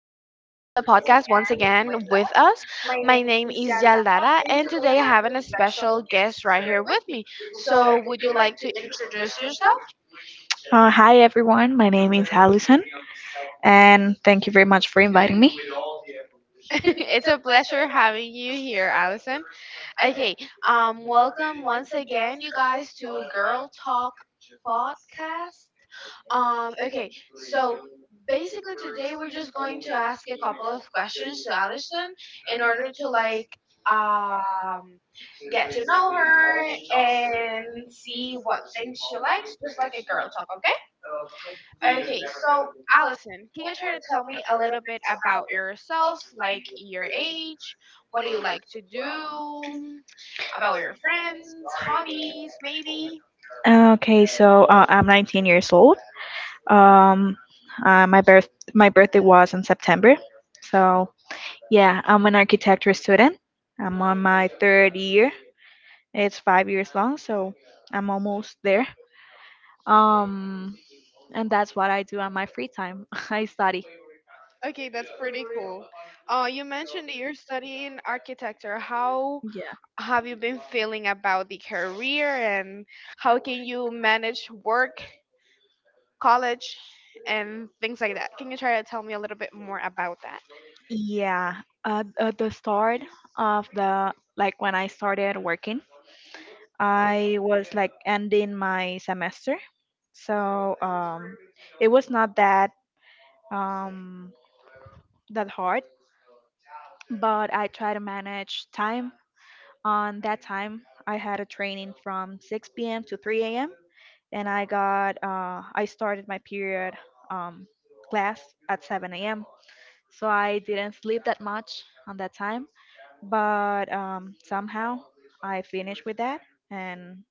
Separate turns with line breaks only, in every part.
on the podcast once again with us. My name is Yaldara, and today I have a special guest right here with me. So, would you like to introduce yourself?
Hi everyone, my name is Allison, and thank you very much for inviting me.
It's a pleasure having you here, Allison. Okay, welcome once again, you guys, to Girl Talk podcast. Um, okay, so basically today we're just going to ask a couple of questions to Allison in order to uh, um get to know her and see what things she likes, just like a girl talk. Okay? Okay, so Allison, can you try to tell me a little bit about yourself, like your age, what do you like to do, about your friends, hobbies, maybe?
Okay, so I'm 19 years old. Um, uh, my birth my birthday was in September, so yeah, I'm an architecture student. I'm on my third year. It's 5 years long, so I'm almost there. Um, and that's what I do on my free time. I study.
Okay, that's pretty cool. You mentioned that you're studying architecture. How
Yeah.
have you been feeling about the career and how can you manage work, college, and things like that? Can you try to tell me a little bit more about that?
Yeah, at the start of the like when I started working, I was like ending my semester, so it was not um that hard, but I try to manage time. On that time, I had a training from 6 p.m. to 3 a.m. And I got I started my period um, class at 7 a.m. So I didn't sleep that much on that time, but somehow I finished with that and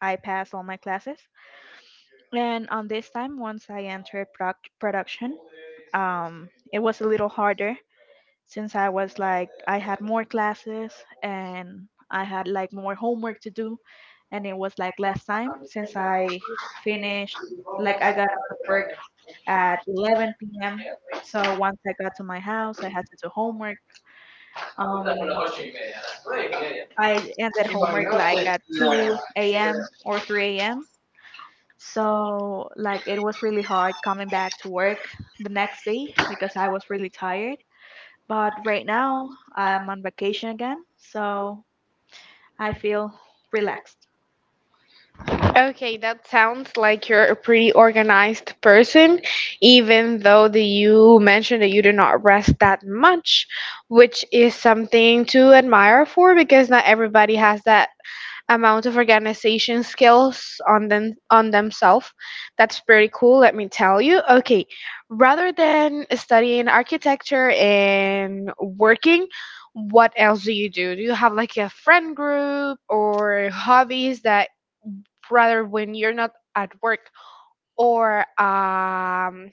I passed all my classes. And on this time, once I entered production, it was a little harder since I was like I had more classes and I had like more homework to do, and it was like less time since I finished like I got to work at 11 p.m. So once I got to my house, I had to do homework. Um, I ended homework like at 2 a.m. or 3 a.m. So, like, it was really hard coming back to work the next day because I was really tired. But right now, I'm on vacation again, so I feel relaxed.
Okay, that sounds like you're a pretty organized person, even though that you mentioned that you do not rest that much, which is something to admire for because not everybody has that amount of organization skills on themselves. That's pretty cool, let me tell you. Okay, rather than studying architecture and working, what else do you do? Do you have like a friend group or hobbies that rather when you're not at work or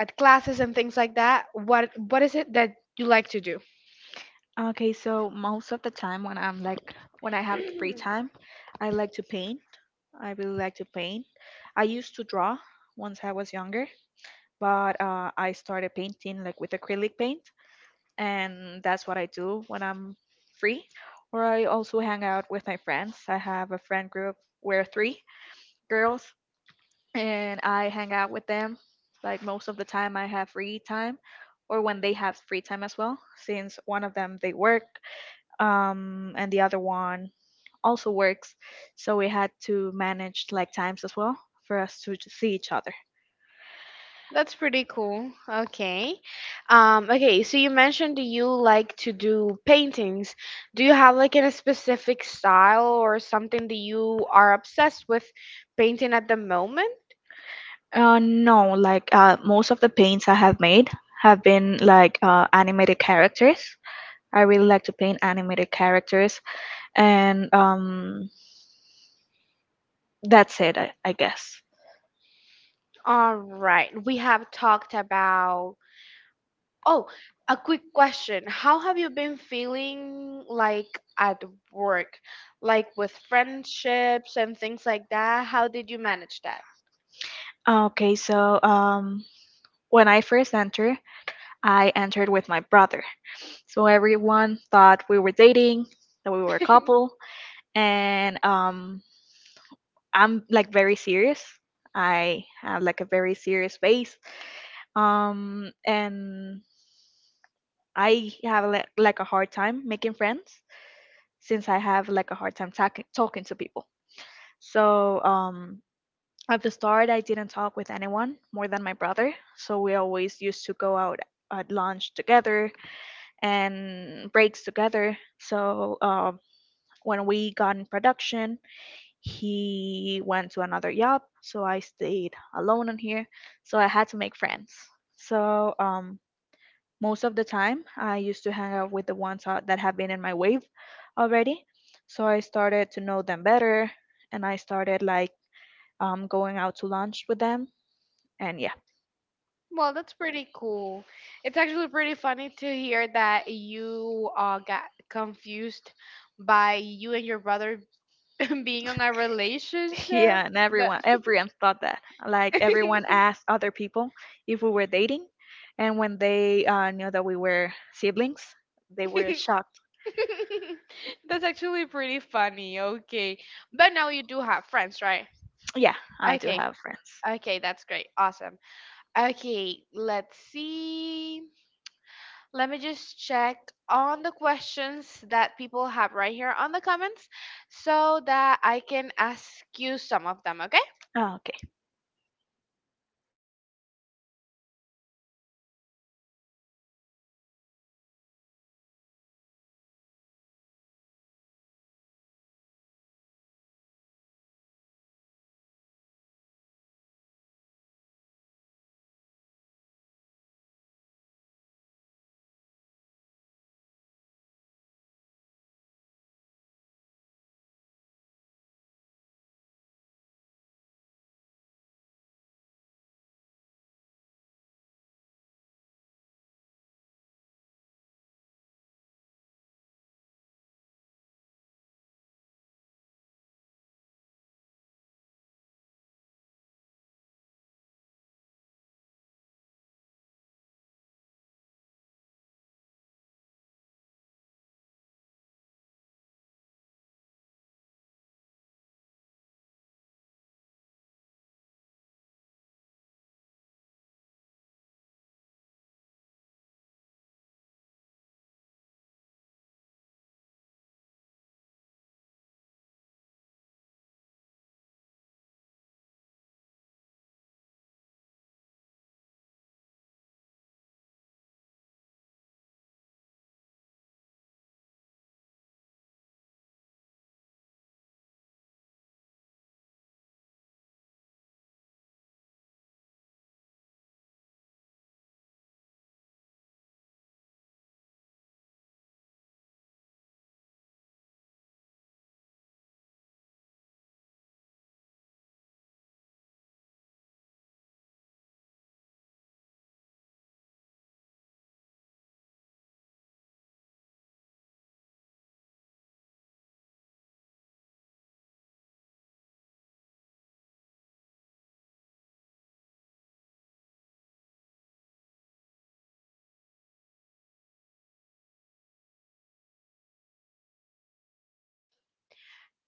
at classes and things like that, what is it that you like to do?
Okay, so most of the time when I have free time, I like to paint. I really like to paint. I used to draw once I was younger, but I started painting like with acrylic paint, and that's what I do when I'm free. Or I also hang out with my friends. I have a friend group. We're three girls, and I hang out with them. Like most of the time, I have free time, or when they have free time as well. Since one of them they work, and the other one also works, so we had to manage like times as well for us to see each other.
That's pretty cool. Okay, okay, so you mentioned that you like to do paintings. Do you have like a specific style or something that you are obsessed with painting at the moment?
No, like most of the paints I have made have been like animated characters. I really like to paint animated characters, and that's it, I guess.
All right, we have talked about— oh, a quick question. How have you been feeling like at work? Like with friendships and things like that? How did you manage that?
Okay, so when I first entered, I entered with my brother. So everyone thought we were dating, that we were a couple, and I'm like very serious. I have like a very serious face, and I have like a hard time making friends since I have like a hard time talking to people. So at the start, I didn't talk with anyone more than my brother, so we always used to go out at lunch together and breaks together. So when we got in production, he went to another job, so I stayed alone in here. So I had to make friends. So most of the time, I used to hang out with the ones that have been in my wave already. So I started to know them better, and I started going out to lunch with them, and yeah.
Well, that's pretty cool. It's actually pretty funny to hear that you got confused by you and your brother
Being
being
in
in
a
a
relationship.
relationship.
Yeah, and
But
everyone thought that. Like everyone asked other people if we were dating, and when they knew that we were siblings, they were shocked.
that's actually pretty funny. Okay. But now you do have friends, right?
Yeah, I do
Okay.
have friends. I
Okay, that's great. Awesome. Okay, let's see. Let me just check on the questions that people have right here on the comments so that I can ask you some of them, okay?
Oh, okay.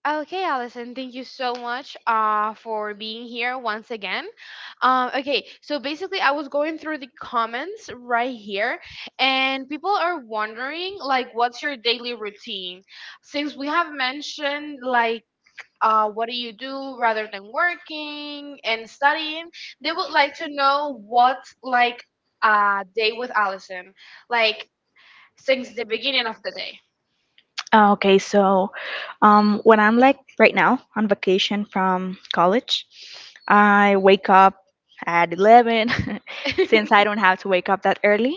Okay, Allison, thank you so much for being here once again. Okay, so basically I was going through the comments right here and people are wondering like what's your daily routine? Since we have mentioned like what do you do rather than working and studying, they would like to know what like a day with Allison like since the beginning of the day.
Oh, okay. So, when I'm like right now on vacation from college, I wake up at 11 since I don't have to wake up that early,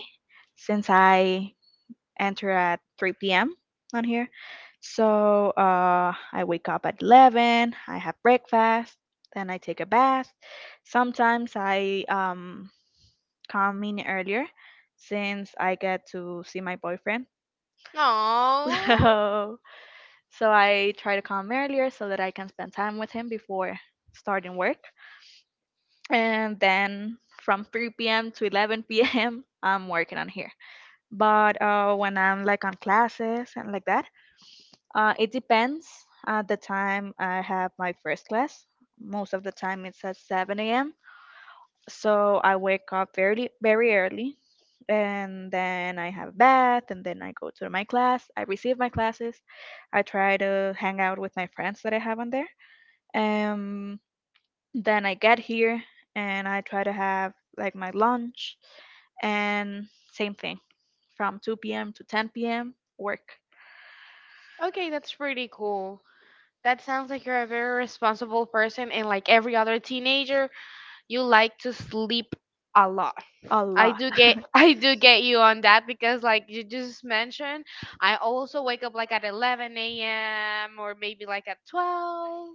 since I enter at 3 p.m. on here. So I wake up at 11, I have breakfast, then I take a bath. Sometimes I come in earlier since I get to see my boyfriend. Aw.
Oh,
So, so I try to come earlier so that I can spend time with him before starting work. And then from 3 p.m. to 11 p.m., I'm working on here. But when I'm like on classes and like that, it depends. At the time I have my first class, most of the time it's at 7 a.m. So I wake up very, very early, and then I have a bath, and then I go to my class. I receive my classes. I try to hang out with my friends that I have on there. Um, then I get here and I try to have like my lunch and same thing from 2 p.m. to 10 p.m. work
okay, that's pretty cool. That sounds like you're a very responsible person and like every other teenager, you like to sleep a lot.
a
I
lot.
do get I do get you on that because like you just mentioned, I also wake up like at 11 a.m. or maybe like at 12,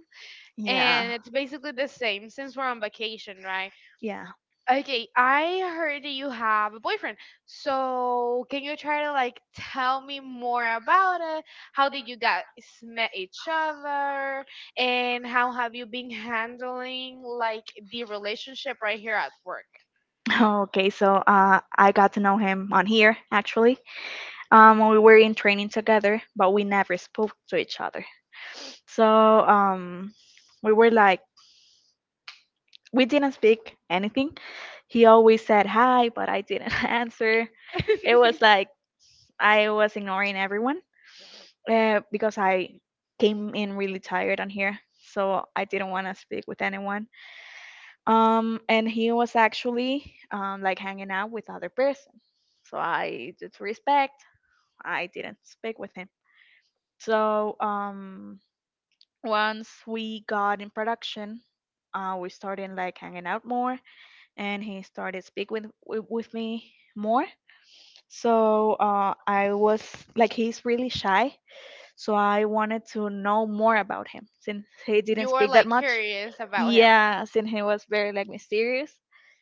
Yeah.
and it's basically the same since we're on vacation, right?
Yeah.
Okay, I heard that you have a boyfriend. So, can you try to like tell me more about it? How did you guys met each other and how have you been handling like the relationship right here at work?
Okay. So I got to know him on here actually. When we were in training together, but we never spoke to each other. So we were like we didn't speak anything. He always said hi, but I didn't answer. It was like I was ignoring everyone because I came in really tired on here, so I didn't want to speak with anyone. And he was actually like hanging out with other person, so I did respect, I didn't speak with him. So once we got in production, we started like hanging out more, and he started speak with me more. So I was like he's really shy, so I wanted to know more about him since he didn't
You are
speak that
like
much.
curious about him.
Yes, and he was very like mysterious.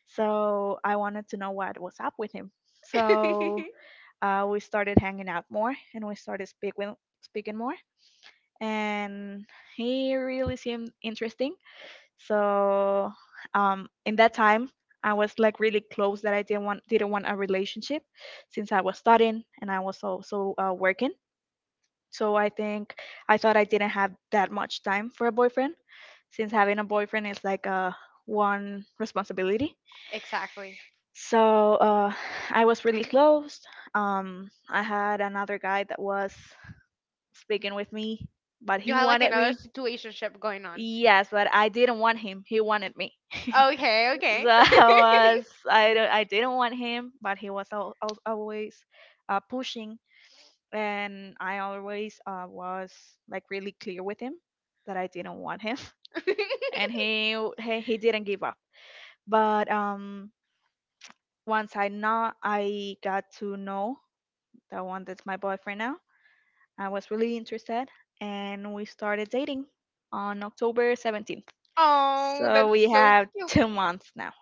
So I wanted to know what was up with him. So we started hanging out more, and we started speaking more. And he really seemed interesting. So in that time, I was like really close that I didn't want a relationship, since I was studying and I was also working. So I thought I didn't have that much time for a boyfriend since having a boyfriend is like a one responsibility.
Exactly.
So I was really close. I had another guy that was speaking with me, but
You
he
had like
wanted
another
me.
situationship going on.
Yes, but I didn't want him. He wanted me.
Okay, okay.
So I was I, don't- I didn't want him, but he was always pushing, and I always was like really clear with him that I didn't want him, and he didn't give up. But once I not I got to know the one that's my boyfriend now, I was really interested, and we started dating on October 17th.
Oh,
So we
that's so
have
cute.
2 months now.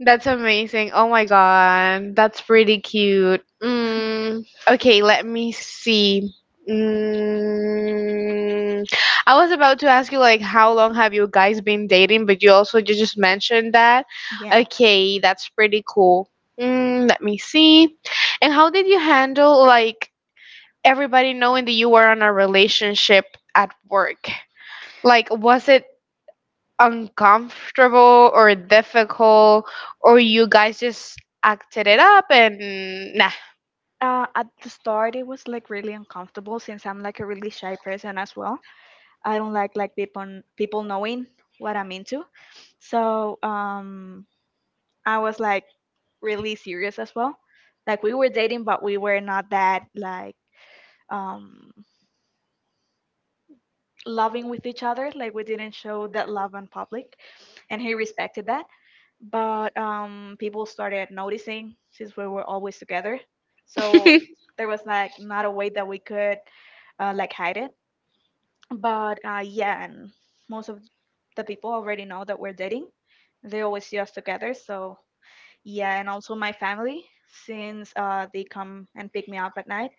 That's amazing. Oh my god, that's pretty cute. Mm, okay, let me see. Mm, I was about to ask you like how long have you guys been dating, but you also just mentioned that.
Yeah.
Okay, that's pretty cool. Let me see. And how did you handle like everybody knowing that you were on a relationship at work? Like, was it uncomfortable or difficult, or you guys just acted it up and nah?
At the start, it was like really uncomfortable since I'm like a really shy person as well. I don't like people knowing what I'm into. So I was like really serious as well. Like we were dating, but we were not that like um, loving with each other. Like we didn't show that love in public, and he respected that. But people started noticing since we were always together. So there was like not a way that we could like hide it. But yeah, and most of the people already know that we're dating. They always see us together. So yeah, and also my family, since they come and pick me up at night,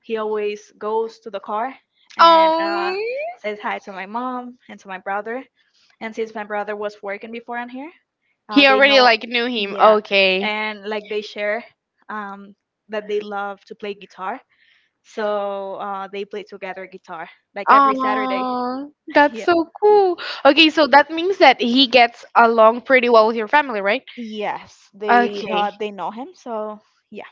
he always goes to the car and
Oh,
says hi to my mom and to my brother. And since my brother was working before on here,
he
they
already
know,
like knew him,
yeah,
okay.
and like they share um, that they love to play guitar. So they play together guitar like every Saturday.
Oh, that's
Yeah.
so cool. Okay, so that means that he gets along pretty well with your family, right?
Yes,
Okay.
they know him. So yeah,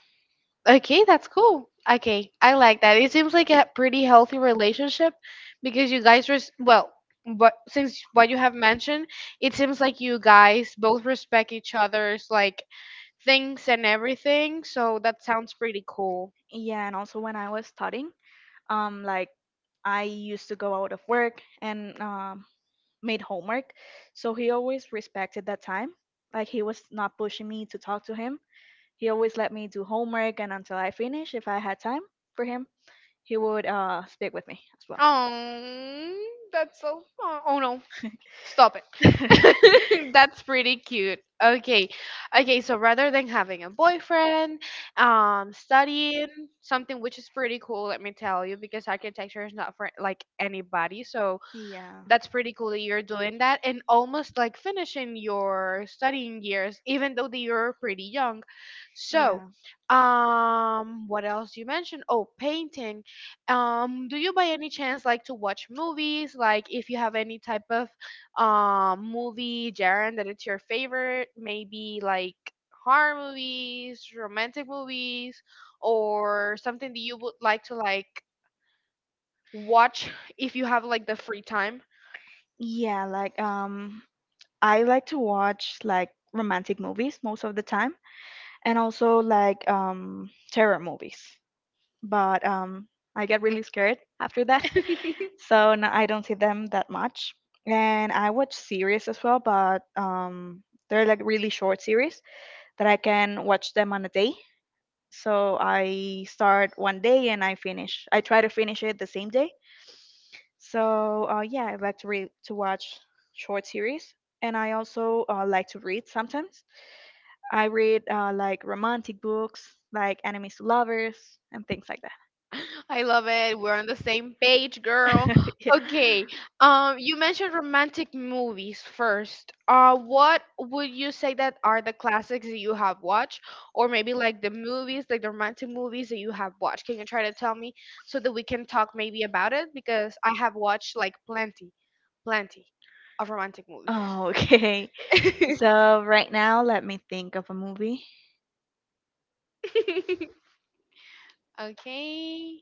Okay, that's cool. Okay, I like that. It seems like a pretty healthy relationship because you guys res— well, but since what you have mentioned, it seems like you guys both respect each other's like things and everything. So that sounds pretty cool.
yeah. And also when I was studying, like I used to go out of work and made homework, so he always respected that time. Like he was not pushing me to talk to him. He always let me do homework, and until I finish, if I had time for him, he would speak with me as well.
Oh, that's so— oh no, stop it. That's pretty cute. Okay. Okay, so rather than having a boyfriend, studying, something which is pretty cool, let me tell you, because architecture is not for like anybody. So,
Yeah.
that's pretty cool that you're doing that and almost like finishing your studying years even though that you're pretty young. So
Yeah.
what else you mentioned, oh, painting. Do you by any chance like to watch movies? Like if you have any type of movie genre that it's your favorite, maybe like horror movies, romantic movies, or something that you would like to like watch if you have like the free time?
Yeah, like I like to watch like romantic movies most of the time and also like terror movies. But I get really scared after that. So no, I don't see them that much. And I watch series as well, but they're like really short series that I can watch them on a day, so I start one day and I finish. I try to finish it the same day. So yeah, I like to read to watch short series, and I also like to read sometimes. I read like romantic books, like enemies to lovers, and things like that.
I love it. We're on the same page, girl.
Yeah.
Okay. You mentioned romantic movies first. What would you say that are the classics that you have watched, or maybe like the movies, like the romantic movies that you have watched? Can you try to tell me so that we can talk maybe about it? Because I have watched like plenty, plenty of romantic movies.
Oh, okay. So right now, let me think of a movie.
Okay.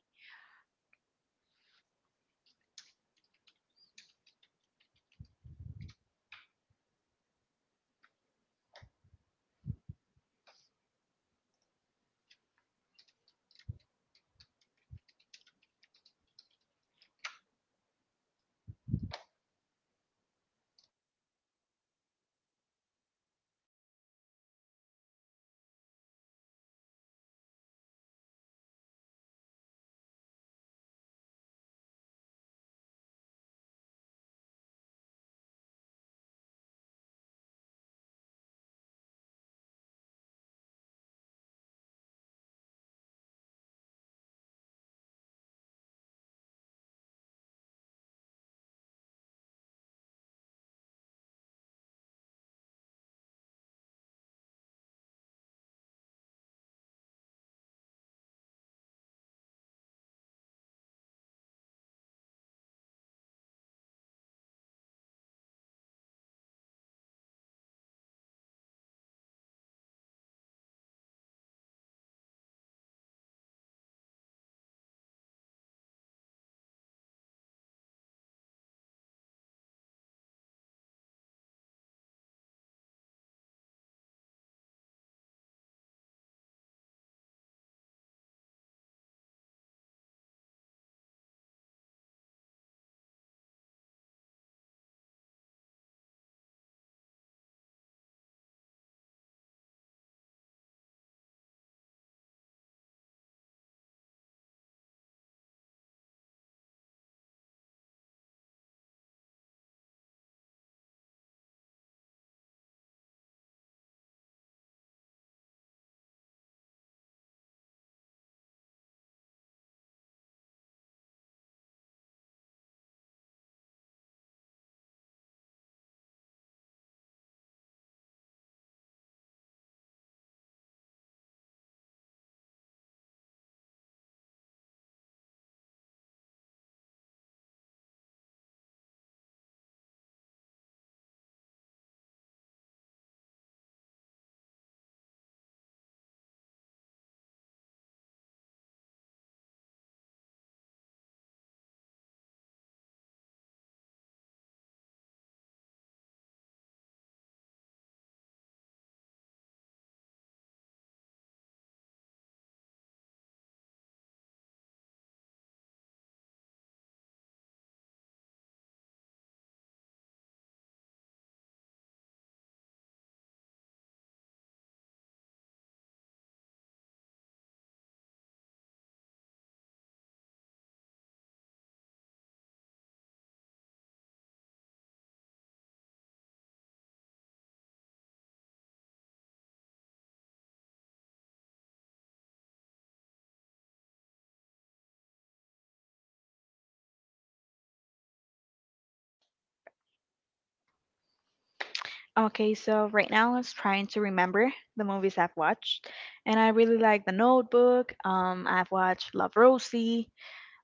Okay, so right now I was trying to remember the movies I've watched, and I really like The Notebook. I've watched Love Rosie,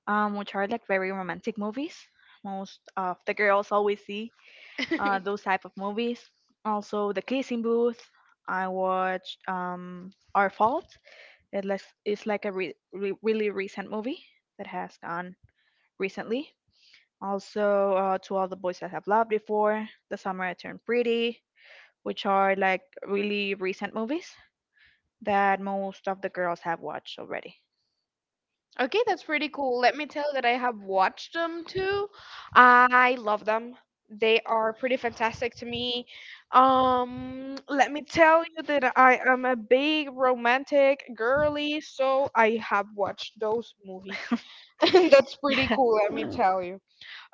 which are like very romantic movies. Most of the girls always see those type of movies. Also, The Kissing Booth. I watched Our Fault. It's like a really recent movie that has gone recently. Also, To All the Boys That Have Loved Before, The Summer I Turned Pretty, which are like really recent movies that most of the girls have watched already.
Okay, that's pretty cool. Let me tell you that I have watched them too. I love them. They are pretty fantastic to me. Let me tell you that I am a big romantic girly, so I have watched those movies. And that's pretty cool, let me tell you.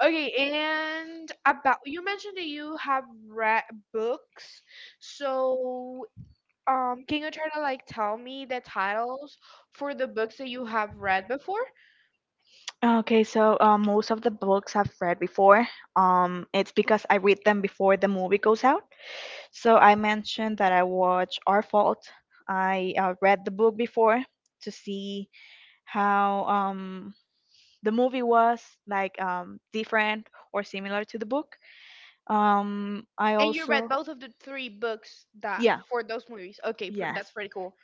Okay, and about you mentioned that you have read books. So, can you try to like tell me the titles for the books that you have read before?
Okay, so most of the books I've read before, it's because I read them before the movie goes out. So I mentioned that I watched Our Fault. I read the book before to see how the movie was like different or similar to the book. I And you read
And you
also
read both
both of
of the three
the books
books
that
that
yeah,
for those movies. Okay, that's
yes,
pretty cool.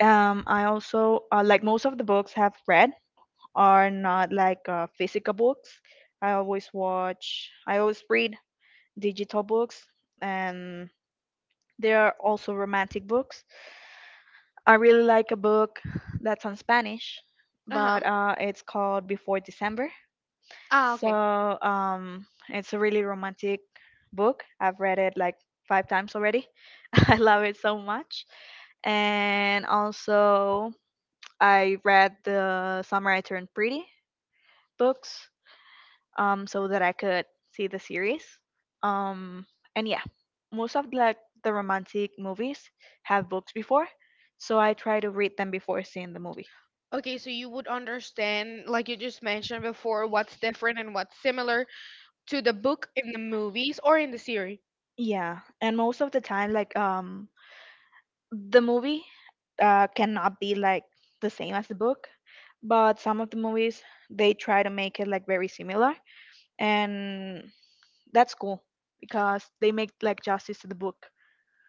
I also like most of the books I've read are not like physical books I always read digital books and there are also romantic books I really like a book that's on spanish
Uh huh.
but it's called before december
Ah,
so
okay.
um, it's a really romantic book I've read it like 5 times already I love it so much and also I read the Samurai Turned Pretty books so that I could see the series. Um, and yeah, most of like the romantic movies have books before, so I try to read them before seeing the movie.
Okay, so you would understand, like you just mentioned before, what's different and what's similar to the book in the movies or in the series.
Yeah, and most of the time, like the movie cannot be like the same as the book, but some of the movies they try to make it like very similar, and that's cool because they make like justice to the book.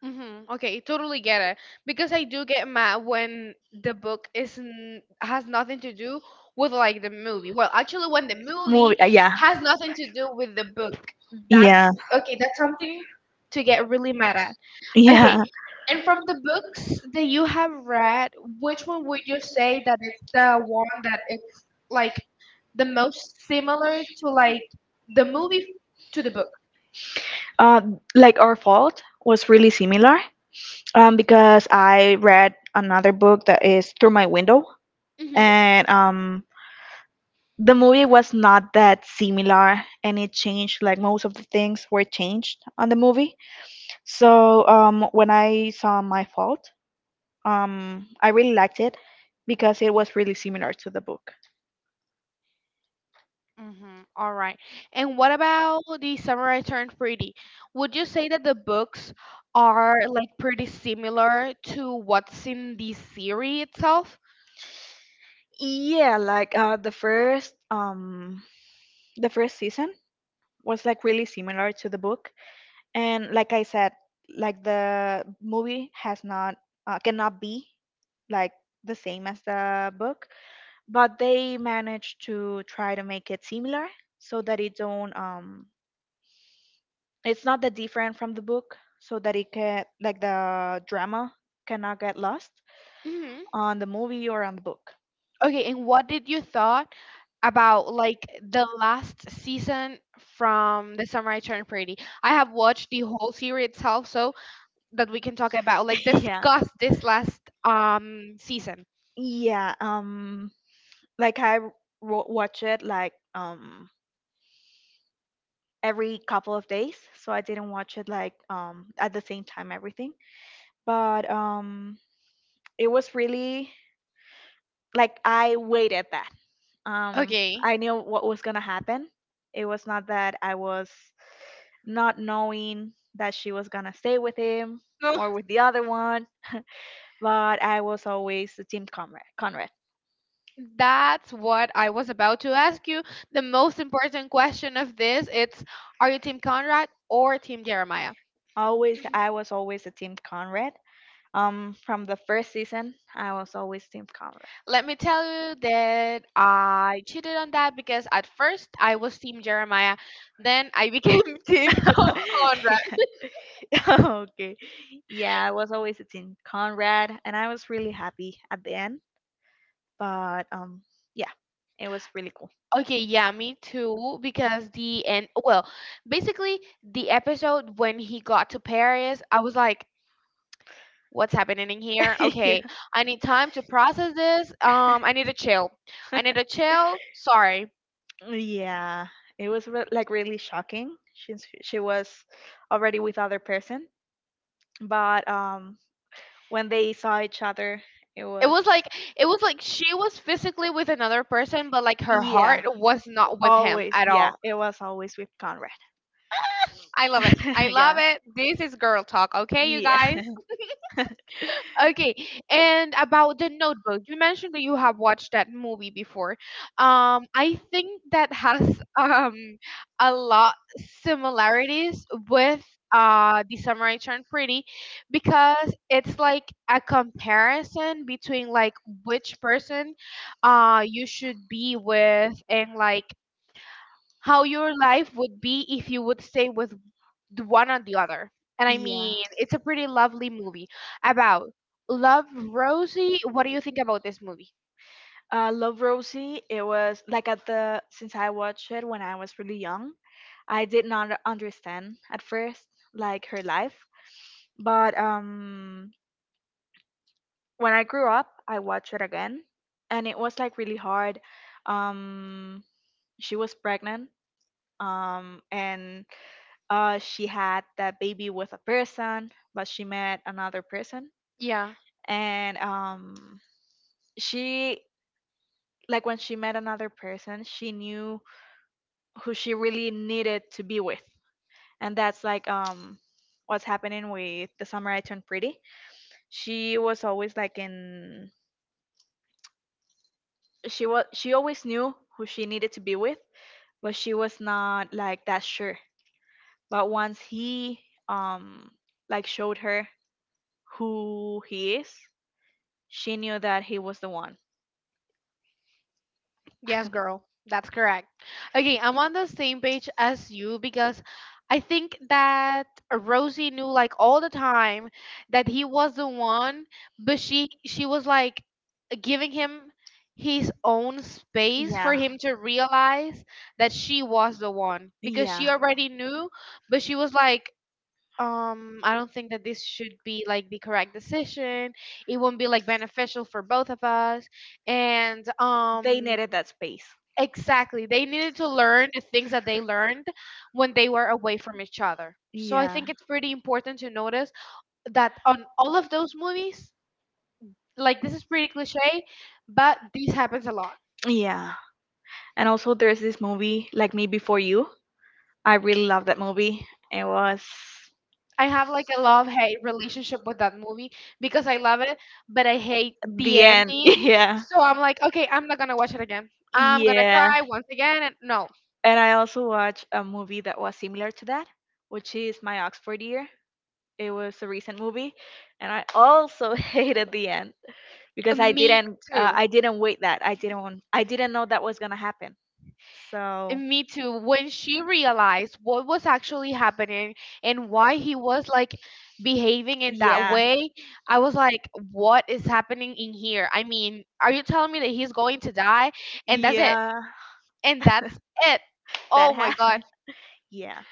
Mm-hmm. Okay, totally get it because I do get mad when the book isn't has nothing to do with like the movie. Well, actually, when the
Movie,
movie
yeah,
has nothing to do with the book, that's
yeah,
okay. That's something to get really mad at. Okay.
yeah.
And from the books that you have read, which one would you say that it's the one that is like the most similar to like the movie to the book?
uh like our fault was really similar because I read another book that is through my window
Mhm.
and the movie was not that similar and it changed like most of the things were changed on the movie so when I saw my fault I really liked it because it was really similar to the book.
Mhm. All right. And what about the Samurai Turned Pretty? Would you say that the books are like pretty similar to what's in the series itself?
Yeah, like the first the first season was like really similar to the book. And like I said, like the movie has not cannot be like the same as the book, but they managed to try to make it similar so that it don't it's not that different from the book so that it can like the drama cannot get lost on the movie or on the book.
Okay, and what did you thought about like the last season from The Samurai Turned Pretty? I have watched the whole series itself, so that we can talk about like
Yeah.
discuss this last season.
Yeah, like I watch it like every couple of days so I didn't watch it like at the same time everything but it was really like I waited that um
Okay.
I knew what was gonna happen it was not that I was not knowing that she was gonna stay with him
No.
or with the other one but I was always the team conrad
That's what I was about to ask you. The most important question of this, it's are you Team Conrad or Team Jeremiah?
always I was always a team conrad from the first season I was always team conrad.
Let me tell you that I cheated on that because at first I was Team Jeremiah, then I became Team Conrad.
Okay. Yeah, I was always a Team Conrad, and I was really happy at the end. But yeah, it was really cool.
Okay, yeah, me too. Because the end, well, basically the episode when he got to Paris, I was like, "What's happening in here?"
Yeah,
Okay, I need time to process this. I need a chill. I need a chill. Sorry.
yeah, it was like really shocking. She was already with other person, but when they saw each other, it
It
was
was like it was like she was physically with another person, but like her
yeah,
heart was not with him
always
at
yeah,
all.
it was always with Conrad.
I love it. I
Yeah,
love it. This is girl talk, okay, you
yeah,
guys? Okay, and about the notebook, you mentioned that you have watched that movie before. I think that has a lot similarities with the Samurai Turned Pretty because it's like a comparison between like which person you should be with, and like how your life would be if you would stay with the one on the other. And I
yeah.
mean, it's a pretty lovely movie about— Love Rosie. What do you think about this movie?
Love Rosie, it was like at the since I watched it when I was really young, I did not understand at first like her life, but when I grew up, I watched it again, and it was like really hard. Um, she was pregnant, and she had that baby with a person, but she met another person.
Yeah.
And she, like, when she met another person, she knew who she really needed to be with. And that's like what's happening with the summer I turned pretty. She was always like in she was she always knew who she needed to be with, but she was not like that sure. But once he um like showed her who he is, she knew that he was the one.
Yes, girl. That's correct. Okay, I'm on the same page as you because I think that Rosie knew like all the time that he was the one, but she was like giving him his own space for
Yeah.
him to realize that she was the one because she
Yeah.
already knew, but she was like I don't think that this should be like the correct decision. It won't be like beneficial for both of us. And
They needed that space.
exactly, they needed to learn the things that they learned when they were away from each other. So I
Yeah.
think it's pretty important to notice that on all of those movies, like this is pretty cliche, but this happens a lot.
Yeah. And also, there's this movie, Like Me Before You. I really love that movie. It was
I have like a love hate relationship with that movie because I love it, but I hate
the
the
end.
ending.
Yeah.
So I'm like, okay, I'm not gonna watch it again. I'm gonna
Yeah.
cry once again. And no,
And I also watched a movie that was similar to that, which is My Oxford Year. It was a recent movie, and I also hated the end because
me too.
I didn't wait that. I didn't know that was going to happen. So,
And me too. When she realized what was actually happening and why he was like behaving in that
yeah.
way, I was like, what is happening in here? I mean, are you telling me that he's going to die? And that's it.
Yeah,
And that's it.
that
Oh my God.
happened. Yeah.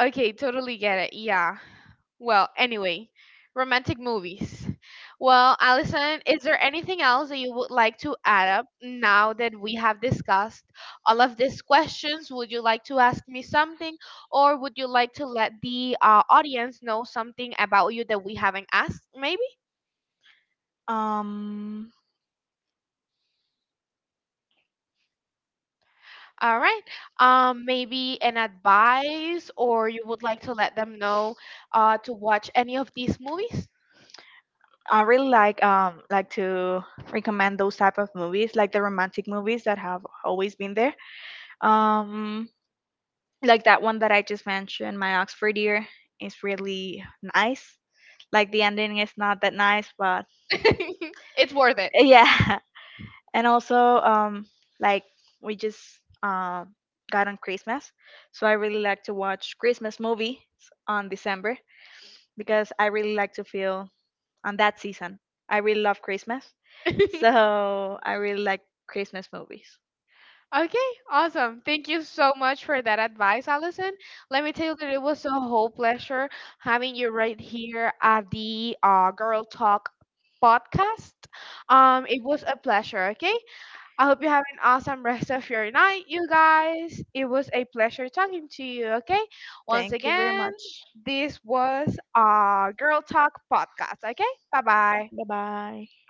Okay, totally get it. Yeah. Well, anyway, romantic movies. Well, Allison, is there anything else that you would like to add up now that we have discussed all of these questions? Would you like to ask me something, or would you like to let the audience know something about you that we haven't asked? Maybe.
Um
All right. Maybe an advice, or you would like to let them know to watch any of these movies?
I really like to recommend those type of movies, like the romantic movies that have always been there. Um, like that one that I just mentioned, My Oxford Year, is really nice. Like the ending is not that nice, but
It's worth it.
yeah. And also like we just um got on Christmas, so I really like to watch Christmas movies on December because I really like to feel on that season. I really love Christmas. So I really like Christmas movies.
Okay, awesome. Thank you so much for that advice, Allison. Let me tell you that it was a whole pleasure having you right here at the Girl Talk podcast. It was a pleasure, okay? I hope you have an awesome rest of your night, you guys. It was a pleasure talking to you, okay? Once
Thank you very
again,
much.
this was Girl Talk podcast, okay? Bye-bye.
Bye bye.